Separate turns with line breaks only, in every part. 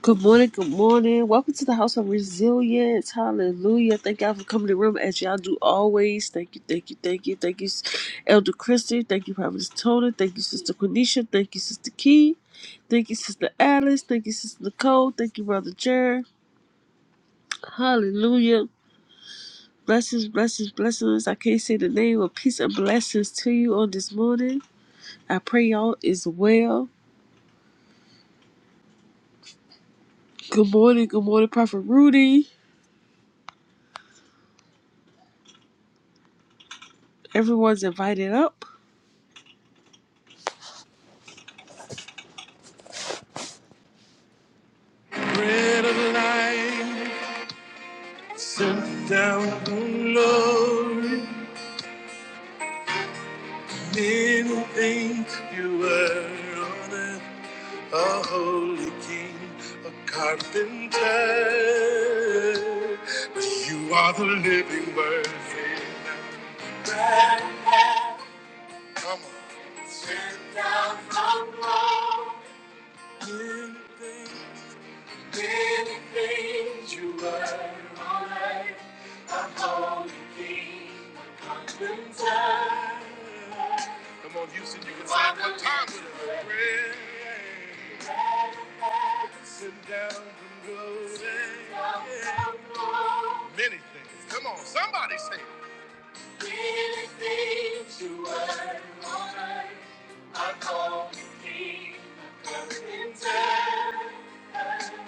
Good morning, good morning. Welcome to the House of Resilience. Hallelujah. Thank y'all for coming to the room as y'all do always. Thank you, thank you, thank you, thank you, Elder Christie. Thank you, Prophet Tony. Thank you, Sister Quenisha. Thank you, Sister Key. Thank you, Sister Alice. Thank you, Sister Nicole. Thank you, Brother Jer. Hallelujah. Blessings, blessings, blessings. I can't say the name of peace and blessings to you on this morning. I pray y'all is well. Good morning, good morning, Prophet Rudy. Everyone's invited up. Bread of life, sent down from glory. Didn't think you were on earth, a holy king, a carpenter. But you are the living word. Bread of life Come on. Sent down from glory. Didn't think Many things you were all right. I'm holding thee my constant time. Come on, Houston, you can sing one time with us. Sit down and go. Many things. Come on, somebody say it. Many things you were all right. I'm holding thee my constant time.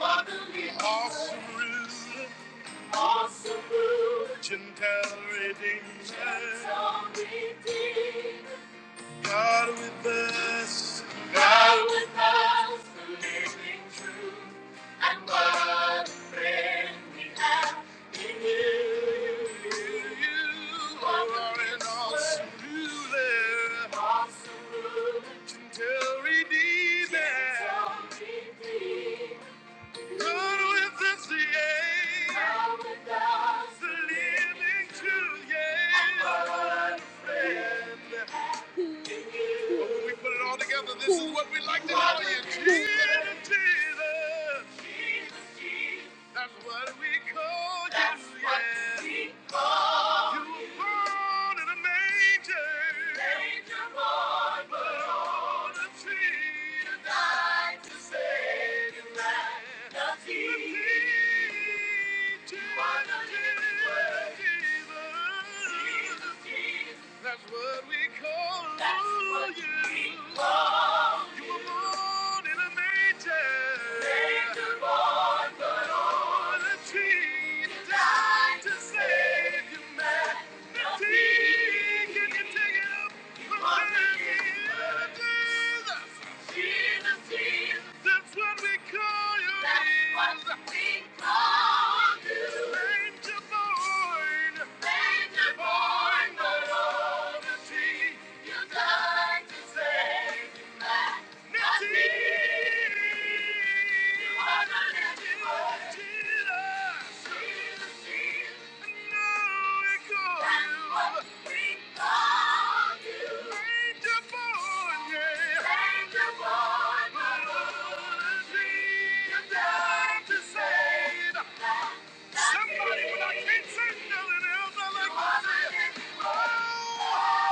Awesome ruler. Awesome ruler. Gentle redeemer. Gentle redeemer. God with us. God with us. The living truth. And what a friend we have in you. You are an awesome ruler. Awesome ruler. Gentle redeemer. Gentle redeemer. God with us, yeah. God with us. living truth, yeah. I'm unafraid. But when we put it all together, this is what we like to call you. Jesus, Jesus. That's what we call you. That's what yeah. we call you. You were born in a manger. Manger born, but on a tree to die to save you right. Jesus, Jesus, Jesus, Jesus. That's what we call That's what you. We call you You were born in a manger. Manger. That's what we call you. That's what we call you. Ranger born. Ranger born. The Lord of Tea. You died to save me. Somebody when I can't say nothing else, I like to say, oh.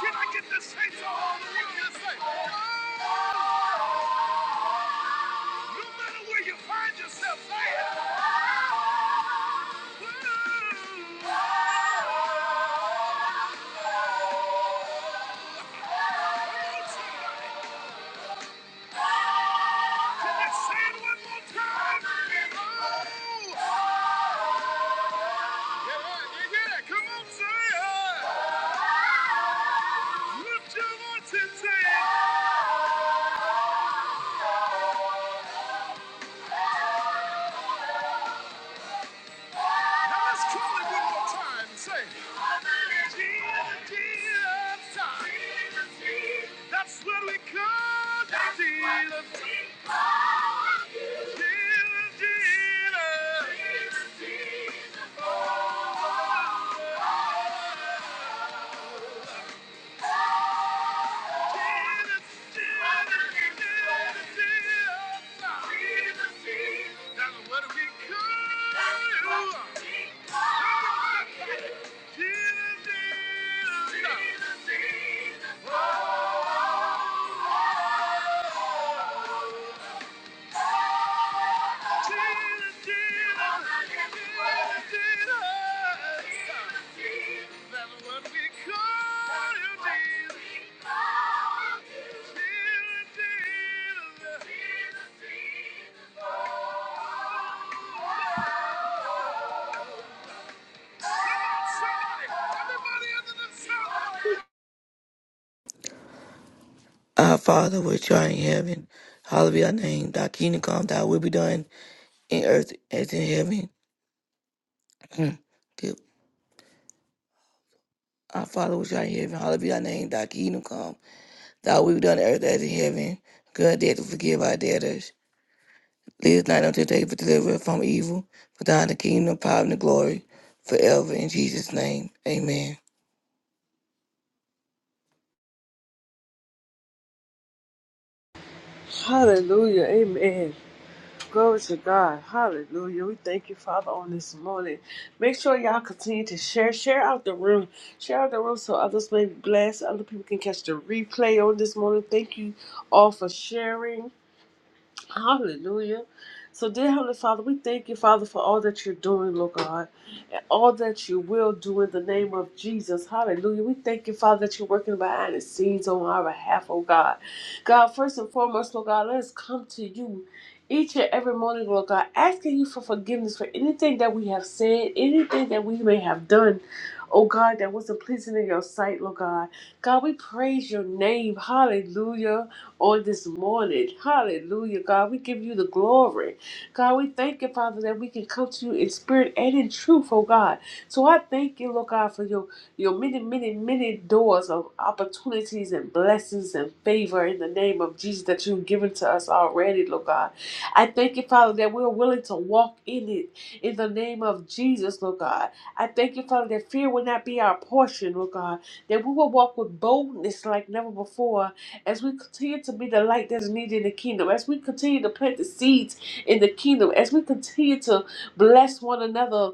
Can I get this saints on? What do you say? No matter where you find yourself, say it. Can I say it one more time? Oh. Yeah, yeah, yeah. Come on, say it. Lift your voice and say it. Now let's call it one more time. Say it. Jesus, Jesus time. That's what we call the deal of Jesus, Jesus. Jesus, Jesus, oh.
Our Father which art in heaven, hallowed be thy name. Thy kingdom come, thy will be done in earth as in heaven. Good. Our Father which art in heaven, hallowed be thy name. Thy kingdom come, thy will be done in earth as in heaven. Good death to forgive our debtors. Lead us not unto day, but deliver us from evil. For thine is the kingdom, the power, and the glory, forever. In Jesus' name, amen.
Hallelujah. Amen. Glory to God. Hallelujah. We thank you, Father, on this morning. Make sure y'all continue to share. Share out the room. Share out the room so others may be blessed. Other people can catch the replay on this morning. Thank you all for sharing. Hallelujah. So, dear Heavenly Father, we thank you, Father, for all that you're doing, Lord God, and all that you will do in the name of Jesus. Hallelujah. We thank you, Father, that you're working behind the scenes on our behalf, oh God. God, first and foremost, Lord God, let us come to you each and every morning, Lord God, asking you for forgiveness for anything that we have said, anything that we may have done. Oh God, that wasn't pleasing in your sight, Lord God. God, we praise your name. Hallelujah on this morning. Hallelujah, God. We give you the glory. God, we thank you, Father, that we can come to you in spirit and in truth, oh God. So I thank you, Lord God, for your, your many, many, many doors of opportunities and blessings and favor in the name of Jesus that you've given to us already, Lord God. I thank you, Father, that we're willing to walk in it in the name of Jesus, Lord God. I thank you, Father, that fear will not be our portion, Lord God, that we will walk with boldness like never before as we continue to be the light that's needed in the kingdom, as we continue to plant the seeds in the kingdom, as we continue to bless one another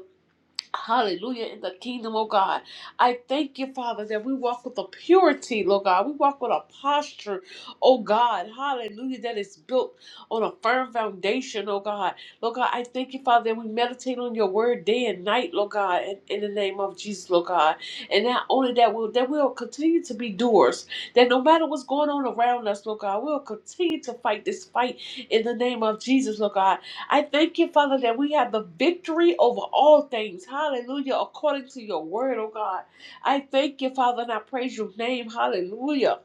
Hallelujah in the kingdom, oh God. I thank you, Father, that we walk with a purity, Lord God. We walk with a posture, oh God. Hallelujah, that is built on a firm foundation, oh God. Lord God, I thank you, Father, that we meditate on your word day and night, Lord God, in, in the name of Jesus, Lord God. And not only that, we'll, that we'll continue to be doers, that no matter what's going on around us, Lord God, we'll continue to fight this fight in the name of Jesus, Lord God I thank you, Father, that we have the victory over all things. Hallelujah. According to your word, oh God. I thank you, Father, and I praise your name. Hallelujah.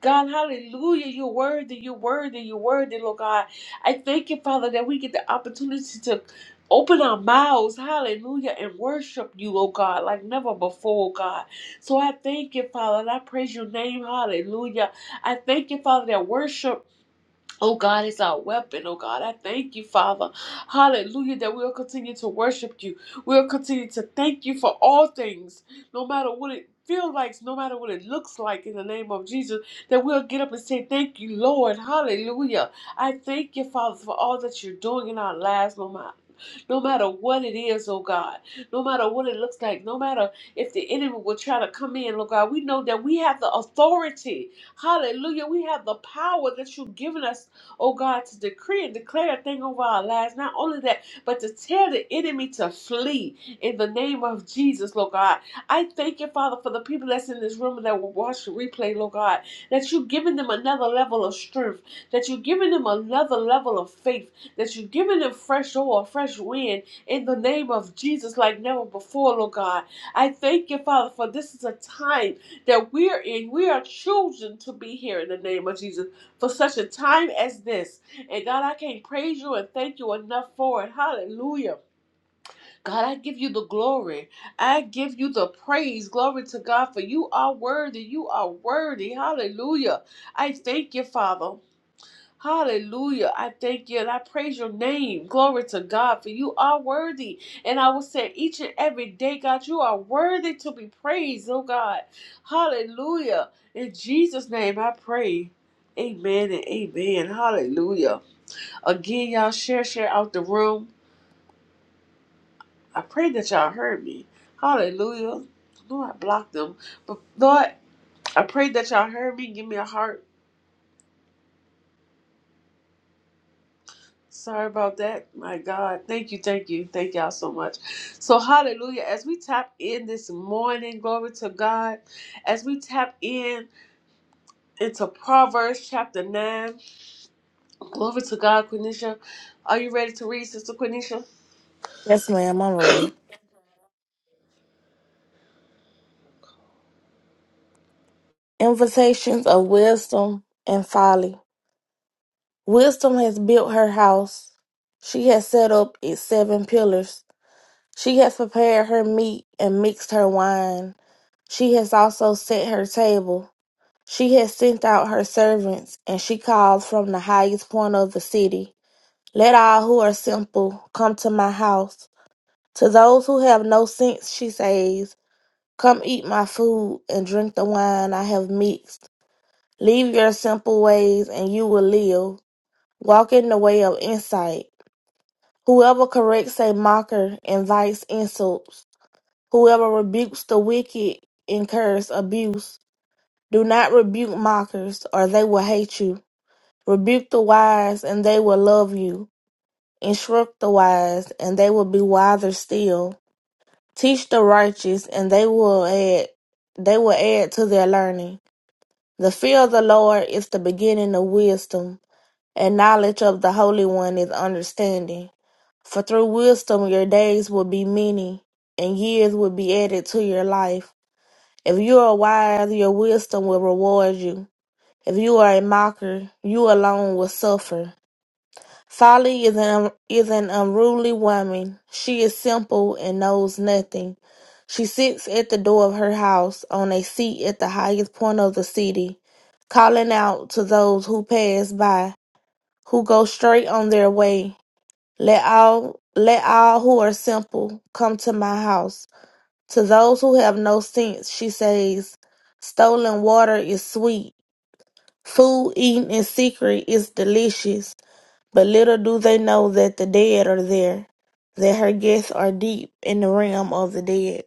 God, hallelujah. You're worthy. You're worthy. You're worthy, Lord God. I thank you, Father, that we get the opportunity to open our mouths. Hallelujah. And worship you, oh God, like never before, oh God. So I thank you, Father, and I praise your name. Hallelujah. I thank you, Father, that worship. Oh God is our weapon. Oh God, I thank you, Father. Hallelujah, that we'll continue to worship you. We'll continue to thank you for all things, no matter what it feels like, no matter what it looks like, in the name of Jesus, that we'll get up and say, Thank you, Lord. Hallelujah. I thank you, Father, for all that you're doing in our lives, no matter. No matter what it is, oh God, no matter what it looks like, no matter if the enemy will try to come in, oh God, we know that we have the authority Hallelujah. We have the power that you've given us oh God, to decree and declare a thing over our lives. Not only that, but to tell the enemy to flee in the name of Jesus, Lord God. I thank you, Father, for the people that's in this room and that will watch the replay, Lord God, that you've given them another level of strength, that you've given them another level of faith, that you've given them fresh oil, fresh wind in the name of Jesus like never before, Lord God. I thank you, Father, for this is a time that we're in. We are chosen to be here in the name of Jesus for such a time as this. And God, I can't praise you and thank you enough for it. Hallelujah. God, I give you the glory. I give you the praise. Glory to God, for you are worthy. You are worthy. Hallelujah. I thank you, Father. Hallelujah. I thank you and I praise your name. Glory to God, for you are worthy. And I will say each and every day, God, you are worthy to be praised, oh God. Hallelujah. In Jesus' name I pray. Amen and amen. Hallelujah. Again, y'all share, share out the room. I pray that y'all heard me. Hallelujah. Lord, I blocked them. But Lord, I pray that y'all heard me. Give me a heart. Sorry about that. My God. Thank you. Thank you. Thank y'all so much. So, hallelujah. As we tap in this morning, glory to God. As we tap in into Proverbs chapter 9, glory to God, Quenisha. Are you ready to read, Sister Quenisha?
Yes, ma'am, I'm ready. Invitations of wisdom and folly. Wisdom has built her house. She has set up its seven pillars. She has prepared her meat and mixed her wine. She has also set her table. She has sent out her servants, and she called from the highest point of the city. Let all who are simple come to my house. To those who have no sense, she says, Come eat my food and drink the wine I have mixed. Leave your simple ways, and you will live. Walk in the way of insight. Whoever corrects a mocker invites insults. Whoever rebukes the wicked incurs abuse. Do not rebuke mockers, or they will hate you. Rebuke the wise, and they will love you. Instruct the wise, and they will be wiser still. Teach the righteous, and they will add they will add to their learning. The fear of the Lord is the beginning of wisdom. And knowledge of the Holy One is understanding. For through wisdom your days will be many, and years will be added to your life. If you are wise, your wisdom will reward you. If you are a mocker, you alone will suffer. Folly is an, is an unruly woman. She is simple and knows nothing. She sits at the door of her house, on a seat at the highest point of the city, calling out to those who pass by who go straight on their way. Let all let all who are simple come to my house. To those who have no sense, she says, stolen water is sweet. Food eaten in secret is delicious, but little do they know that the dead are there, that her guests are deep in the realm of the dead.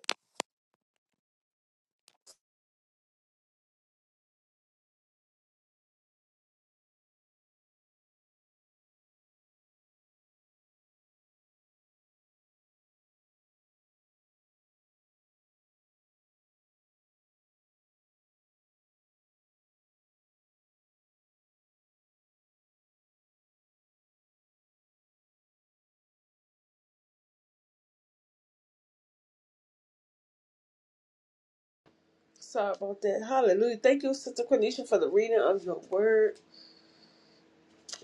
Sorry about that. Hallelujah. Thank you, Sister Quenisha, for the reading of your word.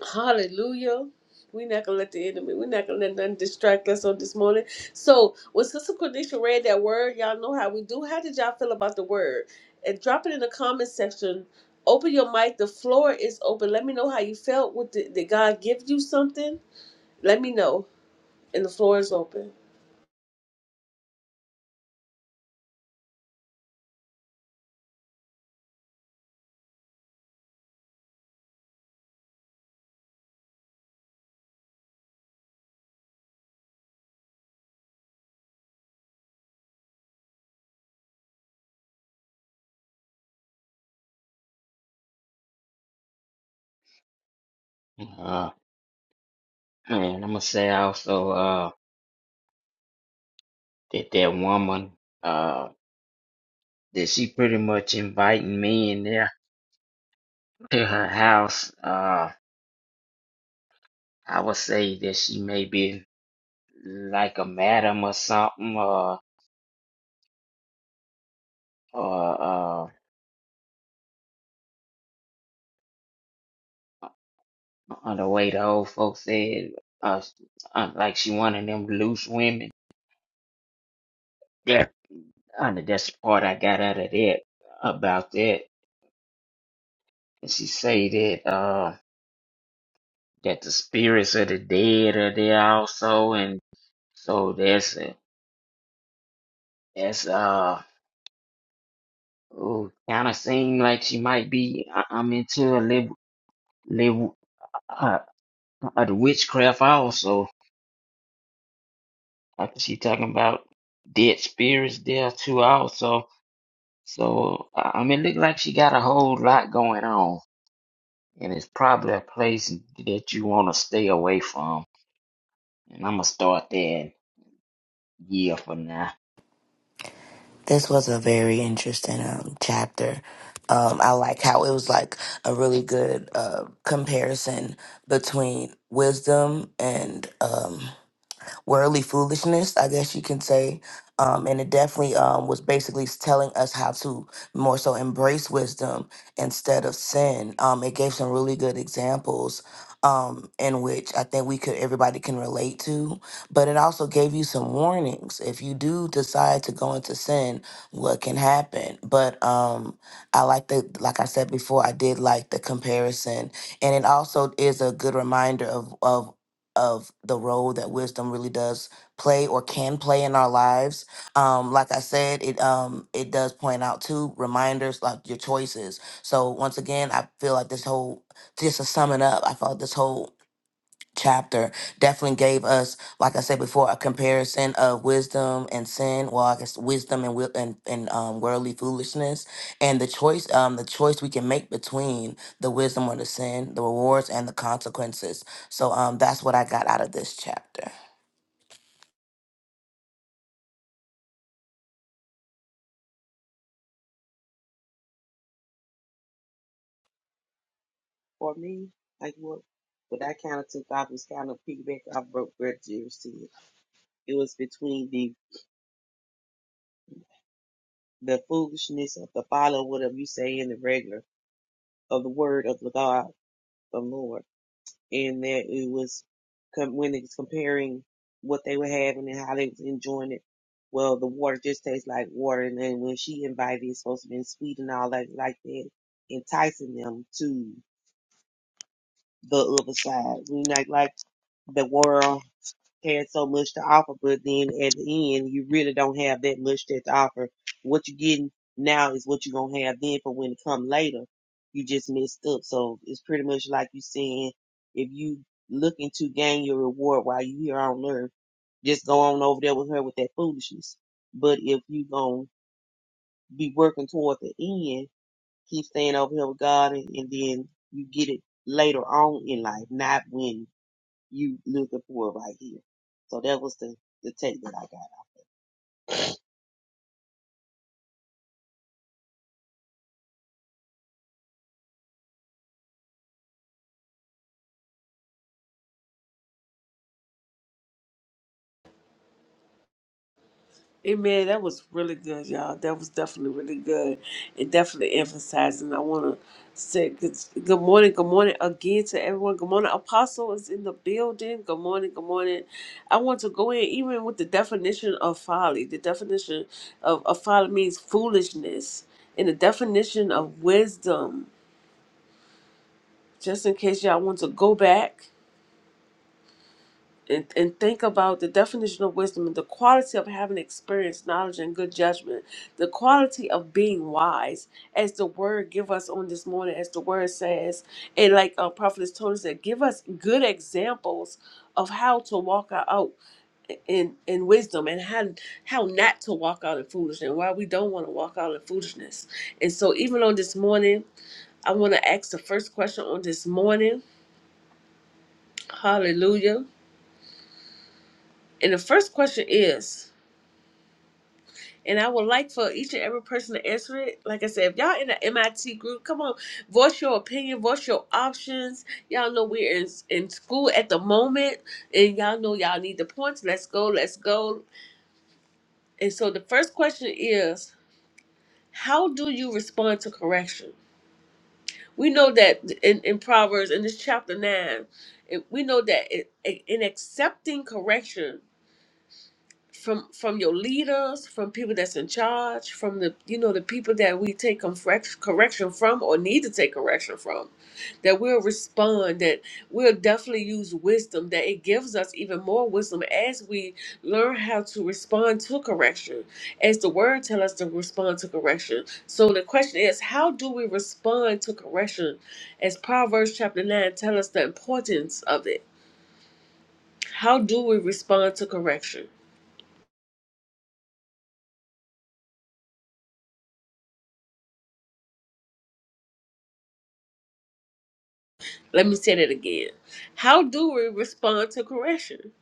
Hallelujah. We're not gonna let the enemy, we're not gonna let nothing distract us on this morning. So when Sister Cornisha read that word, y'all know how we do. How did y'all feel about the word? And drop it in the comment section. Open your mic. The floor is open. Let me know how you felt. What did, did God give you something? Let me know. And the floor is open.
Uh, man, I'm gonna say also, uh, that that woman, uh, that she pretty much inviting me in there to her house. Uh, I would say that she may be like a madam or something, or or uh, on the way the old folks said, uh, uh, like she one of them loose women. Yeah, I know that's the part I got out of that about that. And she say that uh that the spirits of the dead are there also, and So that's that's uh kind of seem like she might be. I, I'm into a live live uh, uh, the witchcraft also. I think she talking about dead spirits there too also. So I I mean, it look like she got a whole lot going on, and it's probably a place that you want to stay away from. And I'm gonna start that year for now.
This was a very interesting um, chapter. Um, I like how it was like a really good uh, comparison between wisdom and um, worldly foolishness, I guess you can say. Um, and it definitely um, was basically telling us how to more so embrace wisdom instead of sin. Um, it gave some really good examples um, in which I think we could everybody can relate to, but it also gave you some warnings. If you do decide to go into sin, what can happen? But um, I like the like I said before, I did like the comparison, and it also is a good reminder of of of the role that wisdom really does play or can play in our lives. Um, like I said, it um it does point out two reminders like your choices. So once again, I feel like this whole just to sum it up, I felt this whole chapter definitely gave us, like I said before, a comparison of wisdom and sin. Well, I guess wisdom and wi- and, and um, worldly foolishness, and the choice, um, the choice we can make between the wisdom or the sin, the rewards and the consequences. So, um, that's what I got out of this chapter.
For me, like what what I kind of took off was kind of piggyback off broke bread Jerry said. It was between the the foolishness of the follow whatever you say in the regular of the word of the God, the Lord. and that it was com- when it's comparing what they were having and how they was enjoying it. Well, the water just tastes like water, and then when she invited, it's supposed to be sweet and all that like that, enticing them to the other side. We not like the world had so much to offer, but then at the end, you really don't have that much that to offer. What you're getting now is what you're gonna have then for when it come later. You just messed up. So it's pretty much like you saying, if you looking to gain your reward while you here on earth, just go on over there with her with that foolishness. But if you gonna be working toward the end, keep staying over here with God, and, and then you get it later on in life, not when you looking for right here. So that was the, the take that I got.
Amen. That was really good, y'all. That was definitely really good. It definitely emphasizing. I want to say good, good morning, good morning again to everyone. Good morning. Apostle is in the building. Good morning, good morning. I want to go in even with the definition of folly. The definition of, of folly means foolishness, and the definition of wisdom. Just in case y'all want to go back and, and think about the definition of wisdom and the quality of having experience, knowledge, and good judgment, the quality of being wise, as the word give us on this morning, as the word says, and like uh, Prophetess Tony said, give us good examples of how to walk out in in wisdom and how how not to walk out in foolishness and why we don't want to walk out in foolishness. And so even on this morning, I want to ask the first question on this morning. Hallelujah. And the first question is. And I would like for each and every person to answer it. Like I said, if y'all in the MIT group, come on, voice your opinion, voice your options. Y'all know we're in, in school at the moment, and y'all know y'all need the points. Let's go, let's go. And so the first question is How do you respond to correction? We know that in, in Proverbs, in this chapter 9, it- we know that it, in accepting correction, from from your leaders, from people that's in charge, from the you know the people that we take correct, correction from or need to take correction from, that we'll respond, that we'll definitely use wisdom, that it gives us even more wisdom as we learn how to respond to correction, as the word tell us to respond to correction. So the question is, how do we respond to correction? As Proverbs chapter nine tell us the importance of it. How do we respond to correction? Let me say that again. How do we respond to correction?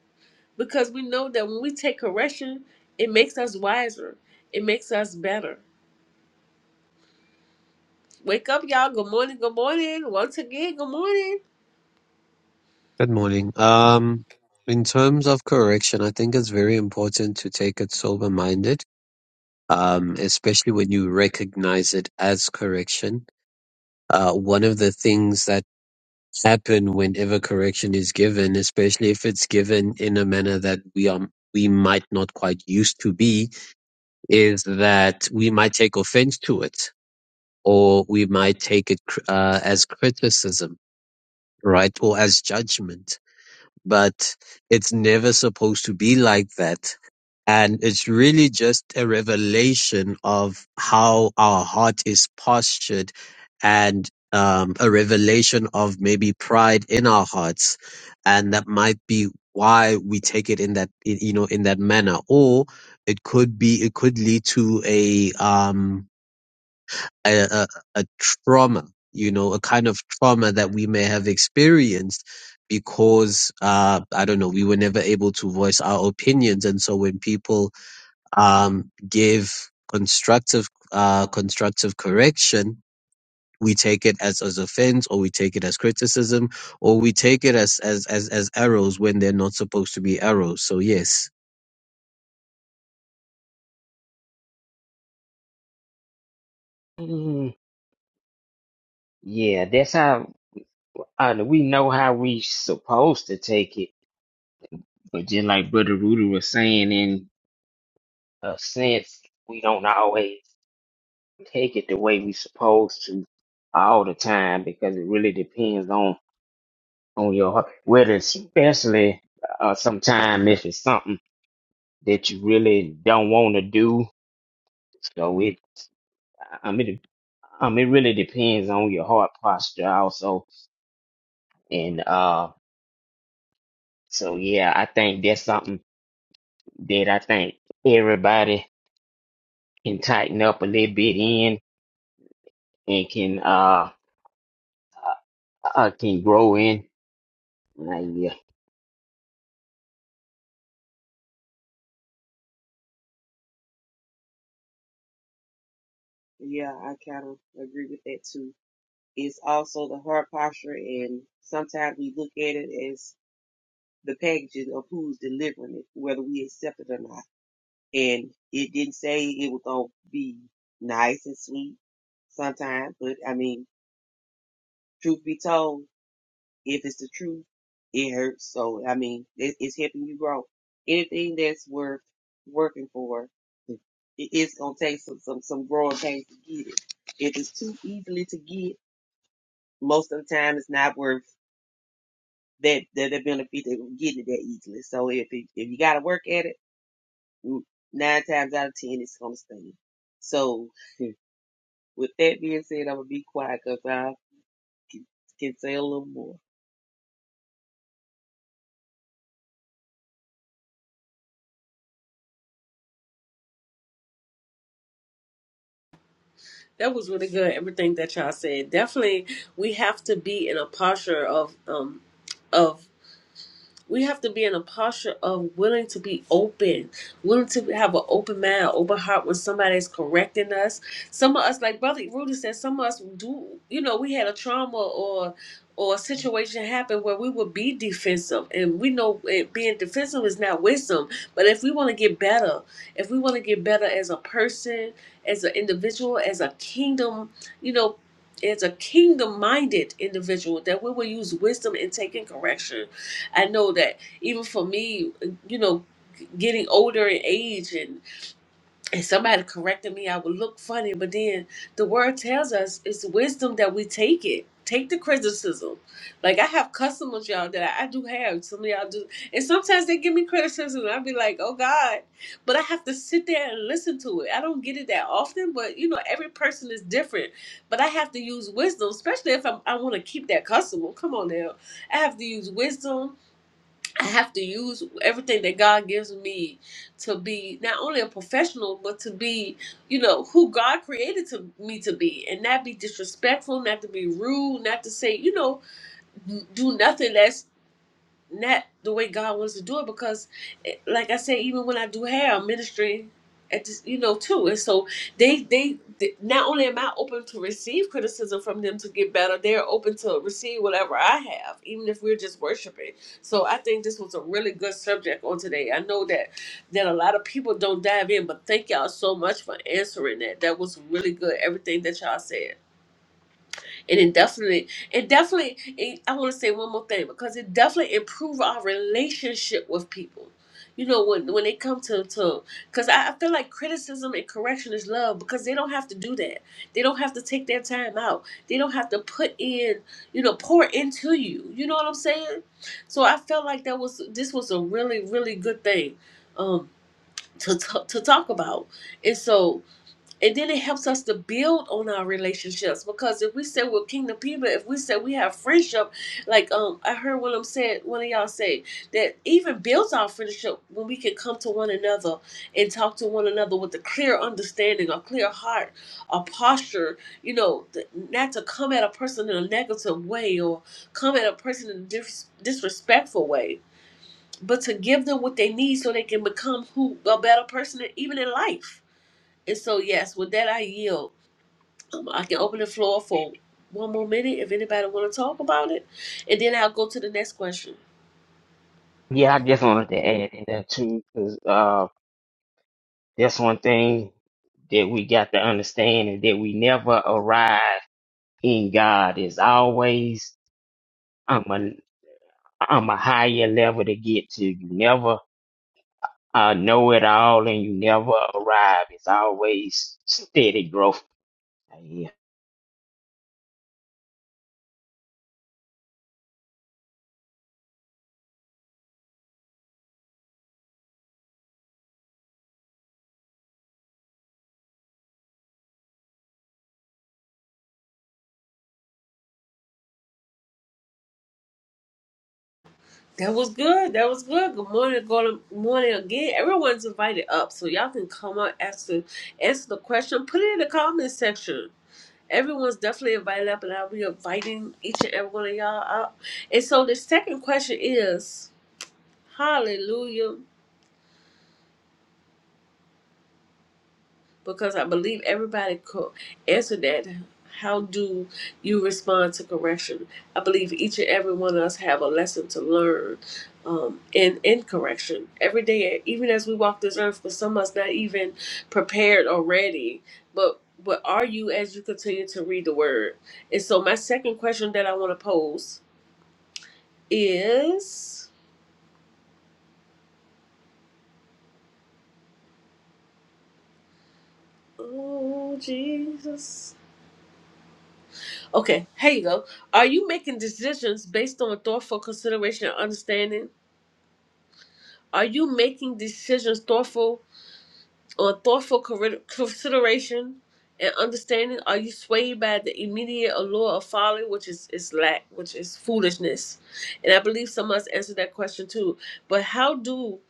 Because we know that when we take correction, it makes us wiser, it makes us better. Wake up, y'all. Good morning. Good morning. Once again, good morning.
Good morning. Um, in terms of correction, I think it's very important to take it sober minded, um, especially when you recognize it as correction. Uh, one of the things that happen whenever correction is given, especially if it's given in a manner that we are we might not quite used to be, is that we might take offense to it, or we might take it cr- uh, as criticism, right, or as judgment but it's never supposed to be like that. And it's really just a revelation of how our heart is postured and um, a revelation of maybe pride in our hearts. And that might be why we take it in that, you know, in that manner. Or it could be, it could lead to a, um, a, a, a trauma, you know, a kind of trauma that we may have experienced because, uh, I don't know, we were never able to voice our opinions. And so when people, um, give constructive, uh, constructive correction, we take it as, as offense or we take it as criticism or we take it as, as, as, as arrows when they're not supposed to be arrows. So yes.
Mm, yeah, that's how uh, we know how we supposed to take it But just like Brother Rudy was saying, in a sense, we don't always take it the way we supposed to all the time because it really depends on on your heart. Whether especially uh, sometime if it's something that you really don't want to do, so it I mean um, it really depends on your heart posture also, and uh so yeah, I think that's something that I think everybody can tighten up a little bit in and can uh I can grow in. Like, yeah,
Yeah, I kind of agree with that too. It's also the heart posture, and sometimes we look at it as the packaging of who's delivering it, whether we accept it or not. And it didn't say it was going to be nice and sweet sometimes, but I mean, truth be told, If it's the truth, it hurts. So, I mean, it, it's helping you grow. Anything that's worth working for, it, it's going to take some, some, some growing pains to get it. If it's too easily to get, most of the time it's not worth that, that the benefit of getting it that easily. So if it, if you got to work at it, mm, nine times out of ten, it's going to stay. So with that being said, I'm going to be quiet because I can, can say a little more.
That was really good. Everything that y'all said. Definitely, we have to be in a posture of um of we have to be in a posture of willing to be open, willing to have an open mind, open heart when somebody is correcting us. Some of us, like Brother Rudy said, some of us do, you know, we had a trauma or or a situation happen where we would be defensive, and we know it, being defensive is not wisdom. But if we want to get better, if we want to get better as a person, as an individual, as a kingdom, you know. As a kingdom minded individual, that we will use wisdom in taking correction I know that even for me, you know, getting older in age and, and somebody correcting me, I would look funny. But then the word tells us it's wisdom that we take it. Take the criticism. Like I have customers, y'all, that I, I do have. Some of y'all do. And sometimes they give me criticism. and i be like, oh God. But I have to sit there and listen to it. I don't get it that often, but you know, every person is different. But I have to use wisdom, especially if I'm, I want to keep that customer. Come on now. I have to use wisdom I have to use everything that God gives me to be not only a professional, but to be, you know, who God created to me to be, and not be disrespectful, not to be rude, not to say, you know, do nothing that's not the way God wants to do it because, eh, like I said, even when I do hair, I'm ministering at this, you know, too. And so they, they, they, not only am I open to receive criticism from them to get better, they're open to receive whatever I have, even if we're just worshiping. So I think this was a really good subject on today. I know that that a lot of people don't dive in, but thank y'all so much for answering that. That was really good. Everything that y'all said and it definitely it definitely it, i want to say one more thing because it definitely improve our relationship with people you know when when they come to to because I, I feel like criticism and correction is love because they don't have to do that they don't have to take their time out they don't have to put in you know pour into you you know what i'm saying so i felt like that was this was a really really good thing um to, to, to talk about and so and then it helps us to build on our relationships because if we say we're kingdom people, if we say we have friendship, like um I heard one of them said one of y'all say that even builds our friendship when we can come to one another and talk to one another with a clear understanding, a clear heart, a posture, you know, th- not to come at a person in a negative way or come at a person in a dis- disrespectful way, but to give them what they need so they can become who a better person even in life and so, yes, with that, I yield. Um, I can open the floor for one more minute if anybody want to talk about it, and then I'll go to the next question.
yeah. I just wanted to add to that too, because uh, that's one thing that we got to understand is that we never arrive in God. It's always I'm a I'm a higher level to get to. You never uh, know it all, and you never arrive. It's always steady growth. Like, Yeah.
That was good. That was good. Good morning. Good morning again. Everyone's invited up, so y'all can come up, ask the answer the question, put it in the comment section. Everyone's definitely invited up, and I'll be inviting each and every one of y'all up. And so, the second question is, Hallelujah. because I believe everybody could answer that. How do you respond to correction? I believe each and every one of us have a lesson to learn um, in in correction every day, even as we walk this earth. For some of us, not even prepared or ready, but but are you as you continue to read the word? And so, my second question that I want to pose is, oh Jesus. Okay, here you go. Are you making decisions based on thoughtful consideration and understanding? Are you making decisions thoughtful on thoughtful corri- consideration and understanding? Are you swayed by the immediate allure of folly, which is, is lack, which is foolishness? And I believe someone's answered that question too. But how do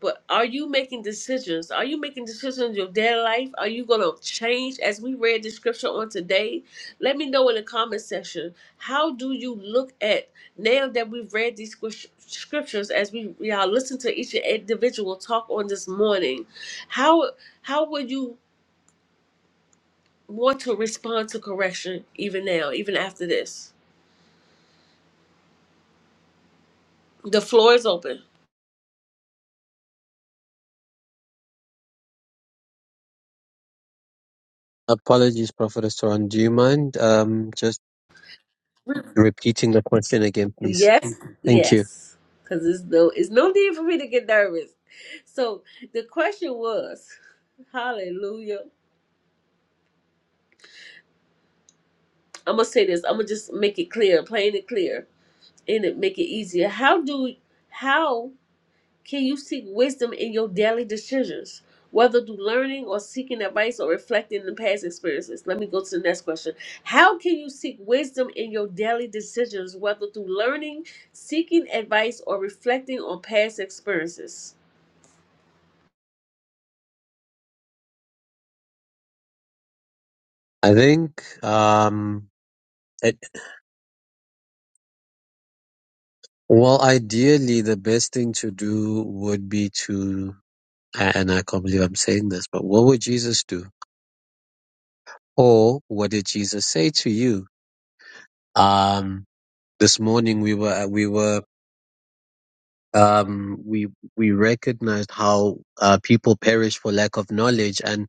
but are you making decisions? Are you making decisions in your daily life? Are you gonna change as we read the scripture on today? Let me know in the comment section. How do you look at now that we've read these scrip- scriptures as we we are listening to each individual talk on this morning? How how would you want to respond to correction even now, even after this? The floor is open.
Apologies, Prophet Astoran. Do you mind, um, just repeating the question again, please?
Yes,
Thank you.
yes, because there's no, it's no need for me to get nervous. So the question was, Hallelujah. I'm gonna say this. I'm gonna just make it clear, plain and clear, and it make it easier. How do, how can you seek wisdom in your daily decisions, whether through learning or seeking advice or reflecting the past experiences? Let me go to the next question. How can you seek wisdom in your daily decisions, whether through learning, seeking advice, or reflecting on past experiences?
I think, um, it, well, ideally, the best thing to do would be to, a- and I can't believe I'm saying this, but what would Jesus do? Or what did Jesus say to you? Um, this morning we were, we were, um, we, we recognized how, uh, people perish for lack of knowledge. and.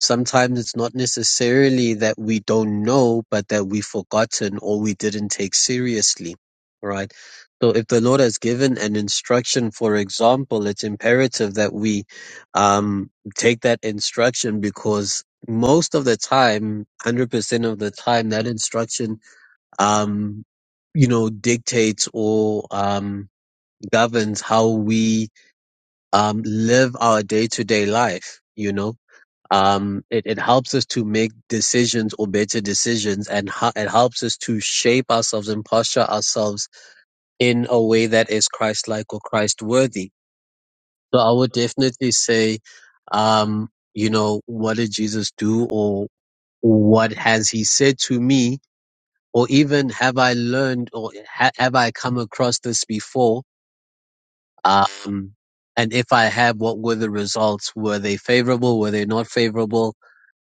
Sometimes it's not necessarily that we don't know, but that we've forgotten or we didn't take seriously, right? So if the Lord has given an instruction, for example, it's imperative that we um, take that instruction because most of the time, 100% of the time, that instruction, um, you know, dictates or um, governs how we um, live our day to day life, you know? Um, it, it helps us to make decisions or better decisions, and ho- it helps us to shape ourselves and posture ourselves in a way that is Christ-like or Christ-worthy. So I would definitely say, um, you know, what did Jesus do, or what has He said to me, or even have I learned, or ha- have I come across this before? Um, and if I have, what were the results? Were they favorable? Were they not favorable?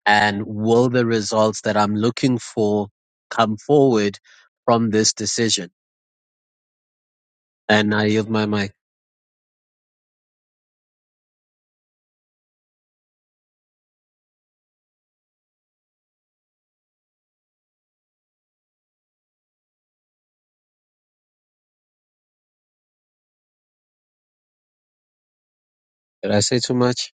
and will the results that I'm looking for come forward from this decision? And I yield my mic. Did I say too much?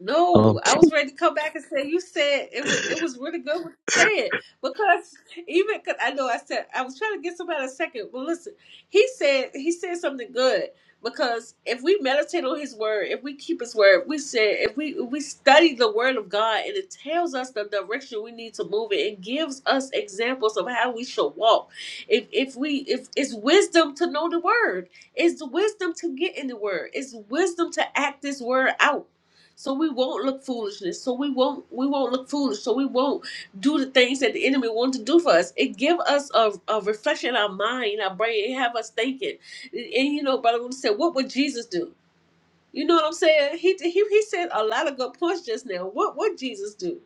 No,
Okay.
I was ready to come back and say you said it was it was really good what you said because even cause I know I said I was trying to get somebody a second, but listen, he said he said something good because if we meditate on his word, if we keep his word, we said if we if we study the word of God and it tells us the direction we need to move in, it gives us examples of how we should walk. If if we if it's wisdom to know the word, it's the wisdom to get in the word, it's wisdom to act this word out so we won't look foolishness. So we won't we won't look foolish. So we won't do the things that the enemy wants to do for us. It give us a, a reflection in our mind, in our brain, it have us thinking. And, and you know, Brother Wilson said, what would Jesus do? You know what I'm saying? He he he said a lot of good points just now. What what Jesus do?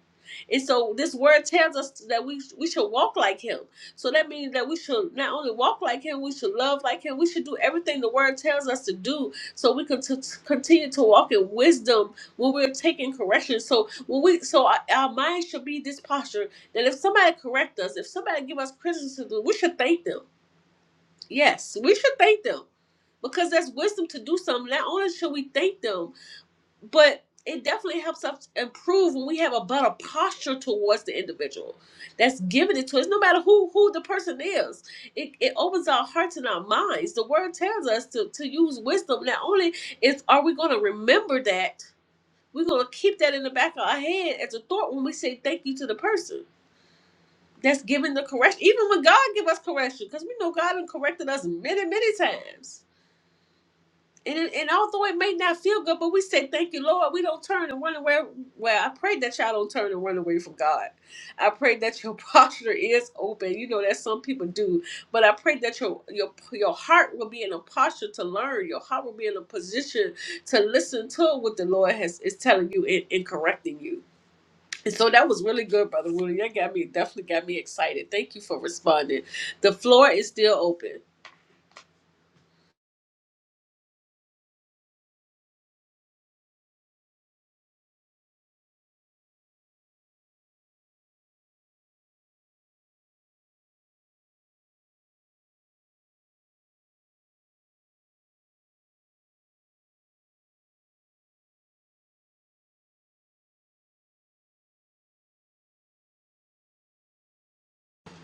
And so this word tells us that we we should walk like him. So that means that we should not only walk like him, we should love like him. We should do everything the word tells us to do so we can t- continue to walk in wisdom when we're taking correction. So when we so our, our mind should be this posture that if somebody correct us, if somebody give us criticism, we should thank them. Yes, we should thank them because that's wisdom to do something. Not only should we thank them, but it definitely helps us improve when we have a better posture towards the individual that's giving it to us no matter who who the person is it, it opens our hearts and our minds the word tells us to, to use wisdom not only is are we going to remember that we're going to keep that in the back of our head as a thought when we say thank you to the person that's giving the correction even when god give us correction because we know god has corrected us many many times and, it- and although it may not feel good, but we say, Thank you, Lord. We don't turn and run away. Well, I pray that y'all don't turn and run away from God. I pray that your posture is open. You know that some people do, but I pray that your your your heart will be in a posture to learn. Your heart will be in a position to listen to what the Lord has is telling you and, and correcting you. And so that was really good, Brother Willie. That got me definitely got me excited. Thank you for responding. The floor is still open.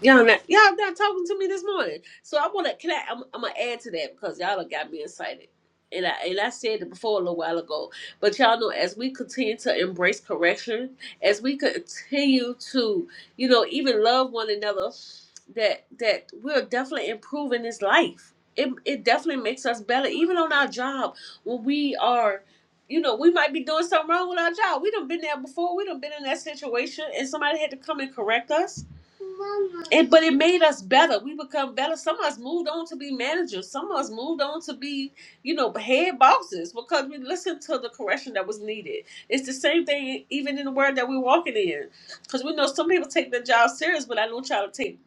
Y'all not y'all not talking to me this morning. So I wanna can I I'm, I'm gonna add to that because y'all done got me excited. And I and I said it before a little while ago. But y'all know as we continue to embrace correction, as we continue to, you know, even love one another, that that we're definitely improving this life. It it definitely makes us better, even on our job when we are you know, we might be doing something wrong with our job. We done been there before. We done been in that situation, and somebody had to come and correct us and but it made us better. We become better. Some of us moved on to be managers. Some of us moved on to be, you know, head bosses because we listened to the correction that was needed. It's the same thing even in the world that we're walking in. Because we know some people take their job serious, but I don't y'all to take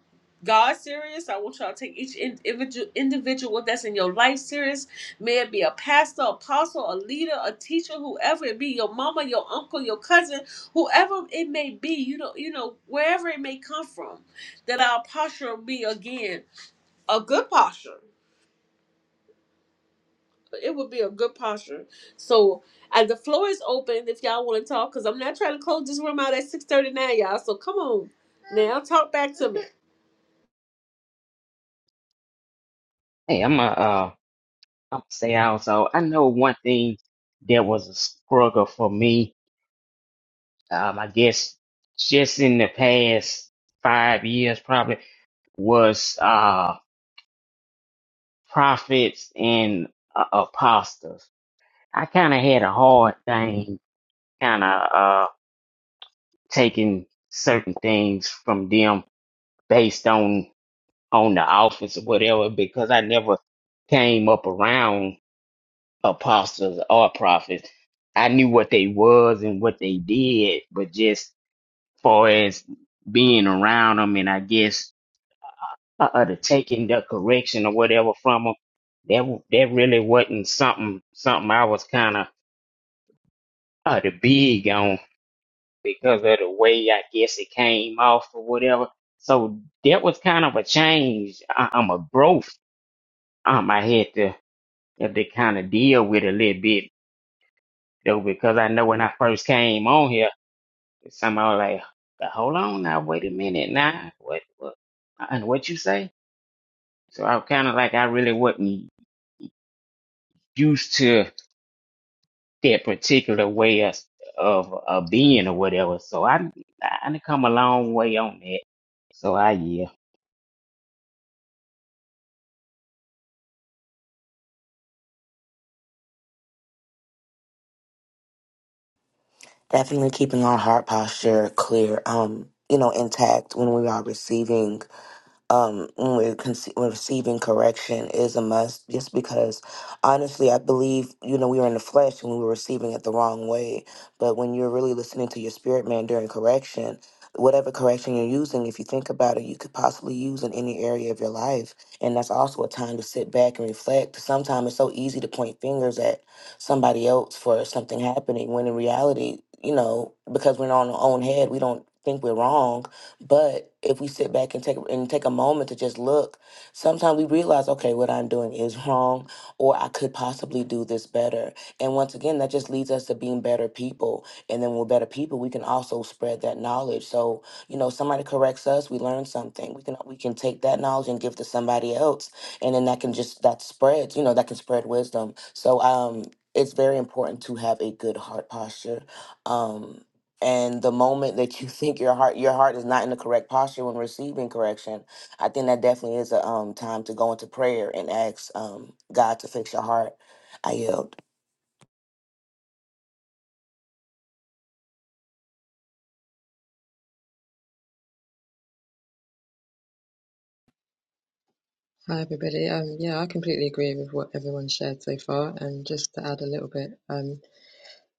God serious. I want y'all to take each in- individual individual that's in your life serious. May it be a pastor, apostle, a leader, a teacher, whoever it be, your mama, your uncle, your cousin whoever it may be, you know, you know, wherever it may come from, that our posture will be again a good posture. It would be a good posture. So, and the floor is open if y'all want to talk, because I'm not trying to close this room out at 6:39, y'all. So come on, now talk back to me.
Hey, I'm a uh, I'm gonna say also. I know one thing that was a struggle for me um, I guess just in the past five years probably was uh, prophets and uh, apostles. I kind of had a hard thing kind of uh, taking certain things from them based on on the office or whatever because I never came up around apostles or prophets. I knew what they was and what they did, but just far as being around them and I guess uh, uh, the taking the correction or whatever from them, that w- that really wasn't something something I was kind of uh, the big on because of the way I guess it came off or whatever. So that was kind of a change, uh, um, a growth. Um, I had to had to kind of deal with a little bit though because I know when I first came on here, somehow like, hold on now, wait a minute now, what what and what you say? So I kind of like I really wasn't used to. that particular way of of, of being or whatever. So I I done come a long way on that. So I yield.
Definitely keeping our heart posture clear, um, you know, intact when we are receiving um, when we're conce- when receiving correction is a must, just because honestly, I believe, you know, we were in the flesh and we were receiving it the wrong way. But when you're really listening to your spirit man during correction, whatever correction you're using, if you think about it, you could possibly use in any area of your life. And that's also a time to sit back and reflect. Sometimes it's so easy to point fingers at somebody else for something happening when in reality, you know, because we're not on our own head, we don't think we're wrong but if we sit back and take and take a moment to just look, sometimes we realize, okay, what I'm doing is wrong, or I could possibly do this better. And once again, that just leads us to being better people. And then when we're better people, we can also spread that knowledge. So, you know, somebody corrects us, we learn something. We can we can take that knowledge and give to somebody else. And then that can just that spreads, you know, that can spread wisdom. So um it's very important to have a good heart posture. Um and the moment that you think your heart your heart is not in the correct posture when receiving correction i think that definitely is a um, time to go into prayer and ask um, god to fix your heart i yield
Hi, everybody. Um, yeah, I completely agree with what everyone shared so far. And just to add a little bit um,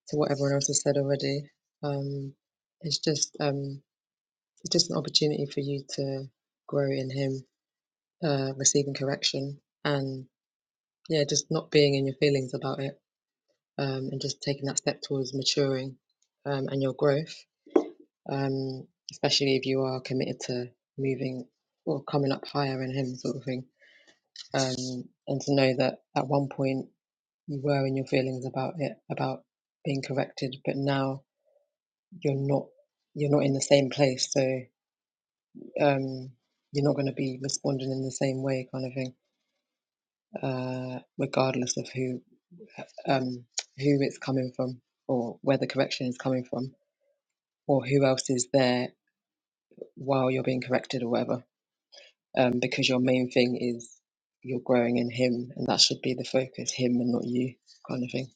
to what everyone else has said already, um, it's just um, it's just an opportunity for you to grow in Him, uh, receiving correction, and yeah, just not being in your feelings about it, um, and just taking that step towards maturing um, and your growth. Um, especially if you are committed to moving or coming up higher in Him, sort of thing. Um, and to know that at one point you were in your feelings about it, about being corrected, but now you're not you're not in the same place, so um, you're not going to be responding in the same way, kind of thing, uh, regardless of who um, who it's coming from or where the correction is coming from or who else is there while you're being corrected or whatever, um, because your main thing is you're growing in Him, and that should be the focus, Him and not you, kind of thing.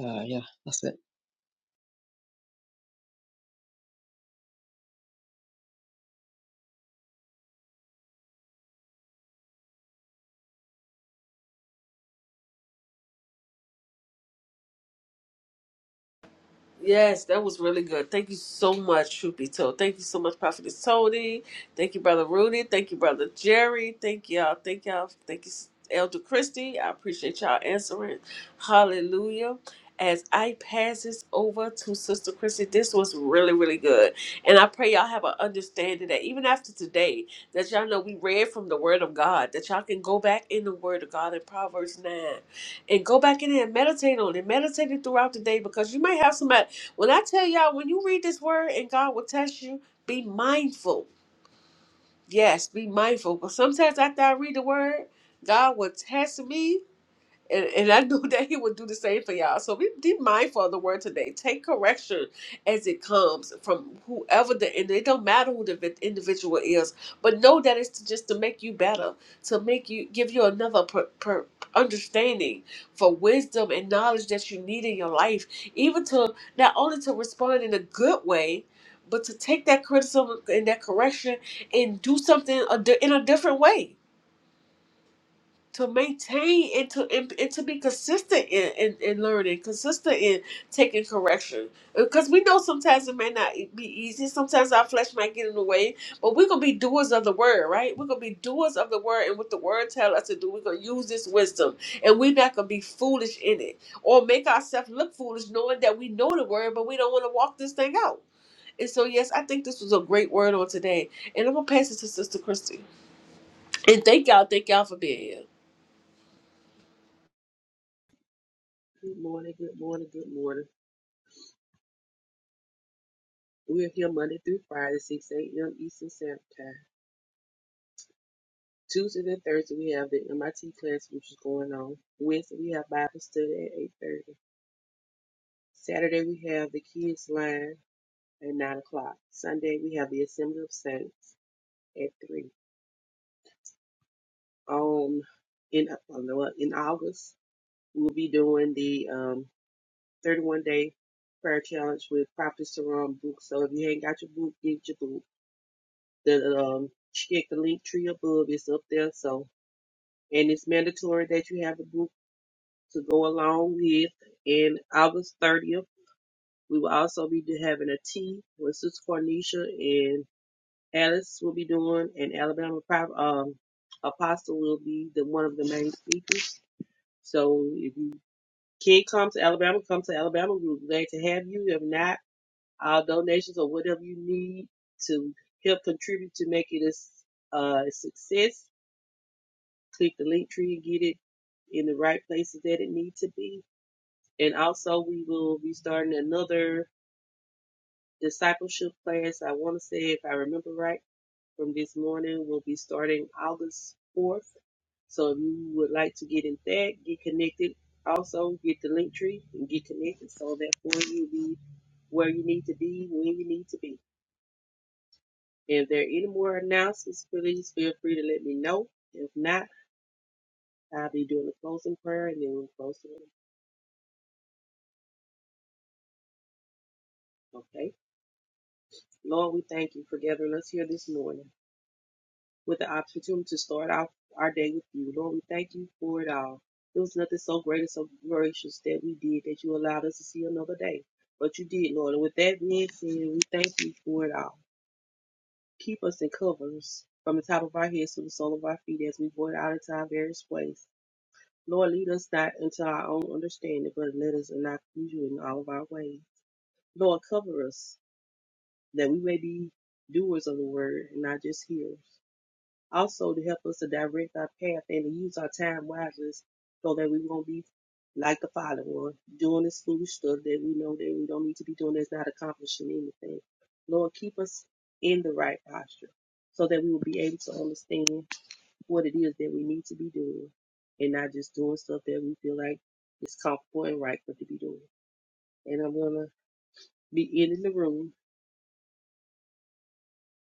Uh, yeah, that's it.
Yes, that was really good. Thank you so much, Troopy Toe. Thank you so much, Prophet Tony. Thank you, Brother Rudy. Thank you, Brother Jerry. Thank y'all. Thank y'all. Thank you, Elder Christie. I appreciate y'all answering. Hallelujah. As I pass this over to Sister Christie, this was really, really good. And I pray y'all have an understanding that even after today, that y'all know we read from the Word of God, that y'all can go back in the Word of God in Proverbs 9 and go back in there and meditate on it. Meditate it throughout the day because you may have some. When I tell y'all, when you read this word and God will test you, be mindful. Yes, be mindful. But sometimes after I read the word, God will test me and, and I knew that he would do the same for y'all. So be, be mindful of the word today. Take correction as it comes from whoever the, and it don't matter who the vi- individual is, but know that it's just to make you better, to make you, give you another per, per, understanding for wisdom and knowledge that you need in your life, even to not only to respond in a good way, but to take that criticism and that correction and do something a di- in a different way to maintain and to and, and to be consistent in, in, in learning, consistent in taking correction. Because we know sometimes it may not e, be easy. Sometimes our flesh might get in the way, but we're gonna be doers of the word, right? We're gonna be doers of the word, and what the word tell us to do, we're gonna use this wisdom, and we're not gonna be foolish in it or make ourselves look foolish, knowing that we know the word, but we don't want to walk this thing out. And so, yes, I think this was a great word on today, and I'm gonna pass it to Sister Christy. And thank y'all, thank y'all for being here.
Good morning, good morning, good morning. We're here Monday through Friday, 6 a.m. Eastern Standard Time. Tuesdays and Thursday, we have the MIT class, which is going on. Wednesday, we have Bible study at 8.30. Saturday, we have the kids' line at 9 o'clock. Sunday, we have the Assembly of Saints at 3. Um, in, oh, no, uh, in August, we'll be doing the um, 31-day prayer challenge with Prophet Saram book. So if you ain't got your book, get your book. The um, check the link tree above. It's up there. So and it's mandatory that you have a group to go along with. And August 30th, we will also be do- having a tea with Sister Cornisha and Alice will be doing, and Alabama Private um, Apostle will be the one of the main speakers. So if you can come to Alabama, come to Alabama. We're glad to have you. If not, all donations or whatever you need to help contribute to make it a, s- uh, a success, click the link tree and get it in the right places that it needs to be. And also, we will be starting another discipleship class. I want to say, if I remember right, from this morning, we'll be starting August 4th. So if you would like to get in that, get connected. Also, get the link tree and get connected so that for you be where you need to be when you need to be. If there are any more announcements, please feel free to let me know. If not, I'll be doing a closing prayer and then we'll close the room. Okay. Lord, we thank you for gathering us here this morning. with the opportunity to start off our day with you. Lord, we thank you for it all. There was nothing so great and so gracious that we did that you allowed us to see another day. But you did, Lord. And with that being said, we thank you for it all. Keep us in covers from the top of our heads to the sole of our feet as we go out into our various ways. Lord, lead us not into our own understanding, but let us not confuse you in all of our ways. Lord, cover us that we may be doers of the word and not just hearers. also to help us to direct our path and to use our time wisely so that we won't be like the father one, doing this foolish stuff that we know that we don't need to be doing that's not accomplishing anything. Lord, keep us in the right posture so that we will be able to understand what it is that we need to be doing and not just doing stuff that we feel like is comfortable and right for to be doing. And I'm gonna be ending the room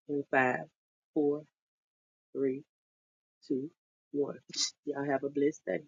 in five, four, three, two, one. Y'all have a blessed day.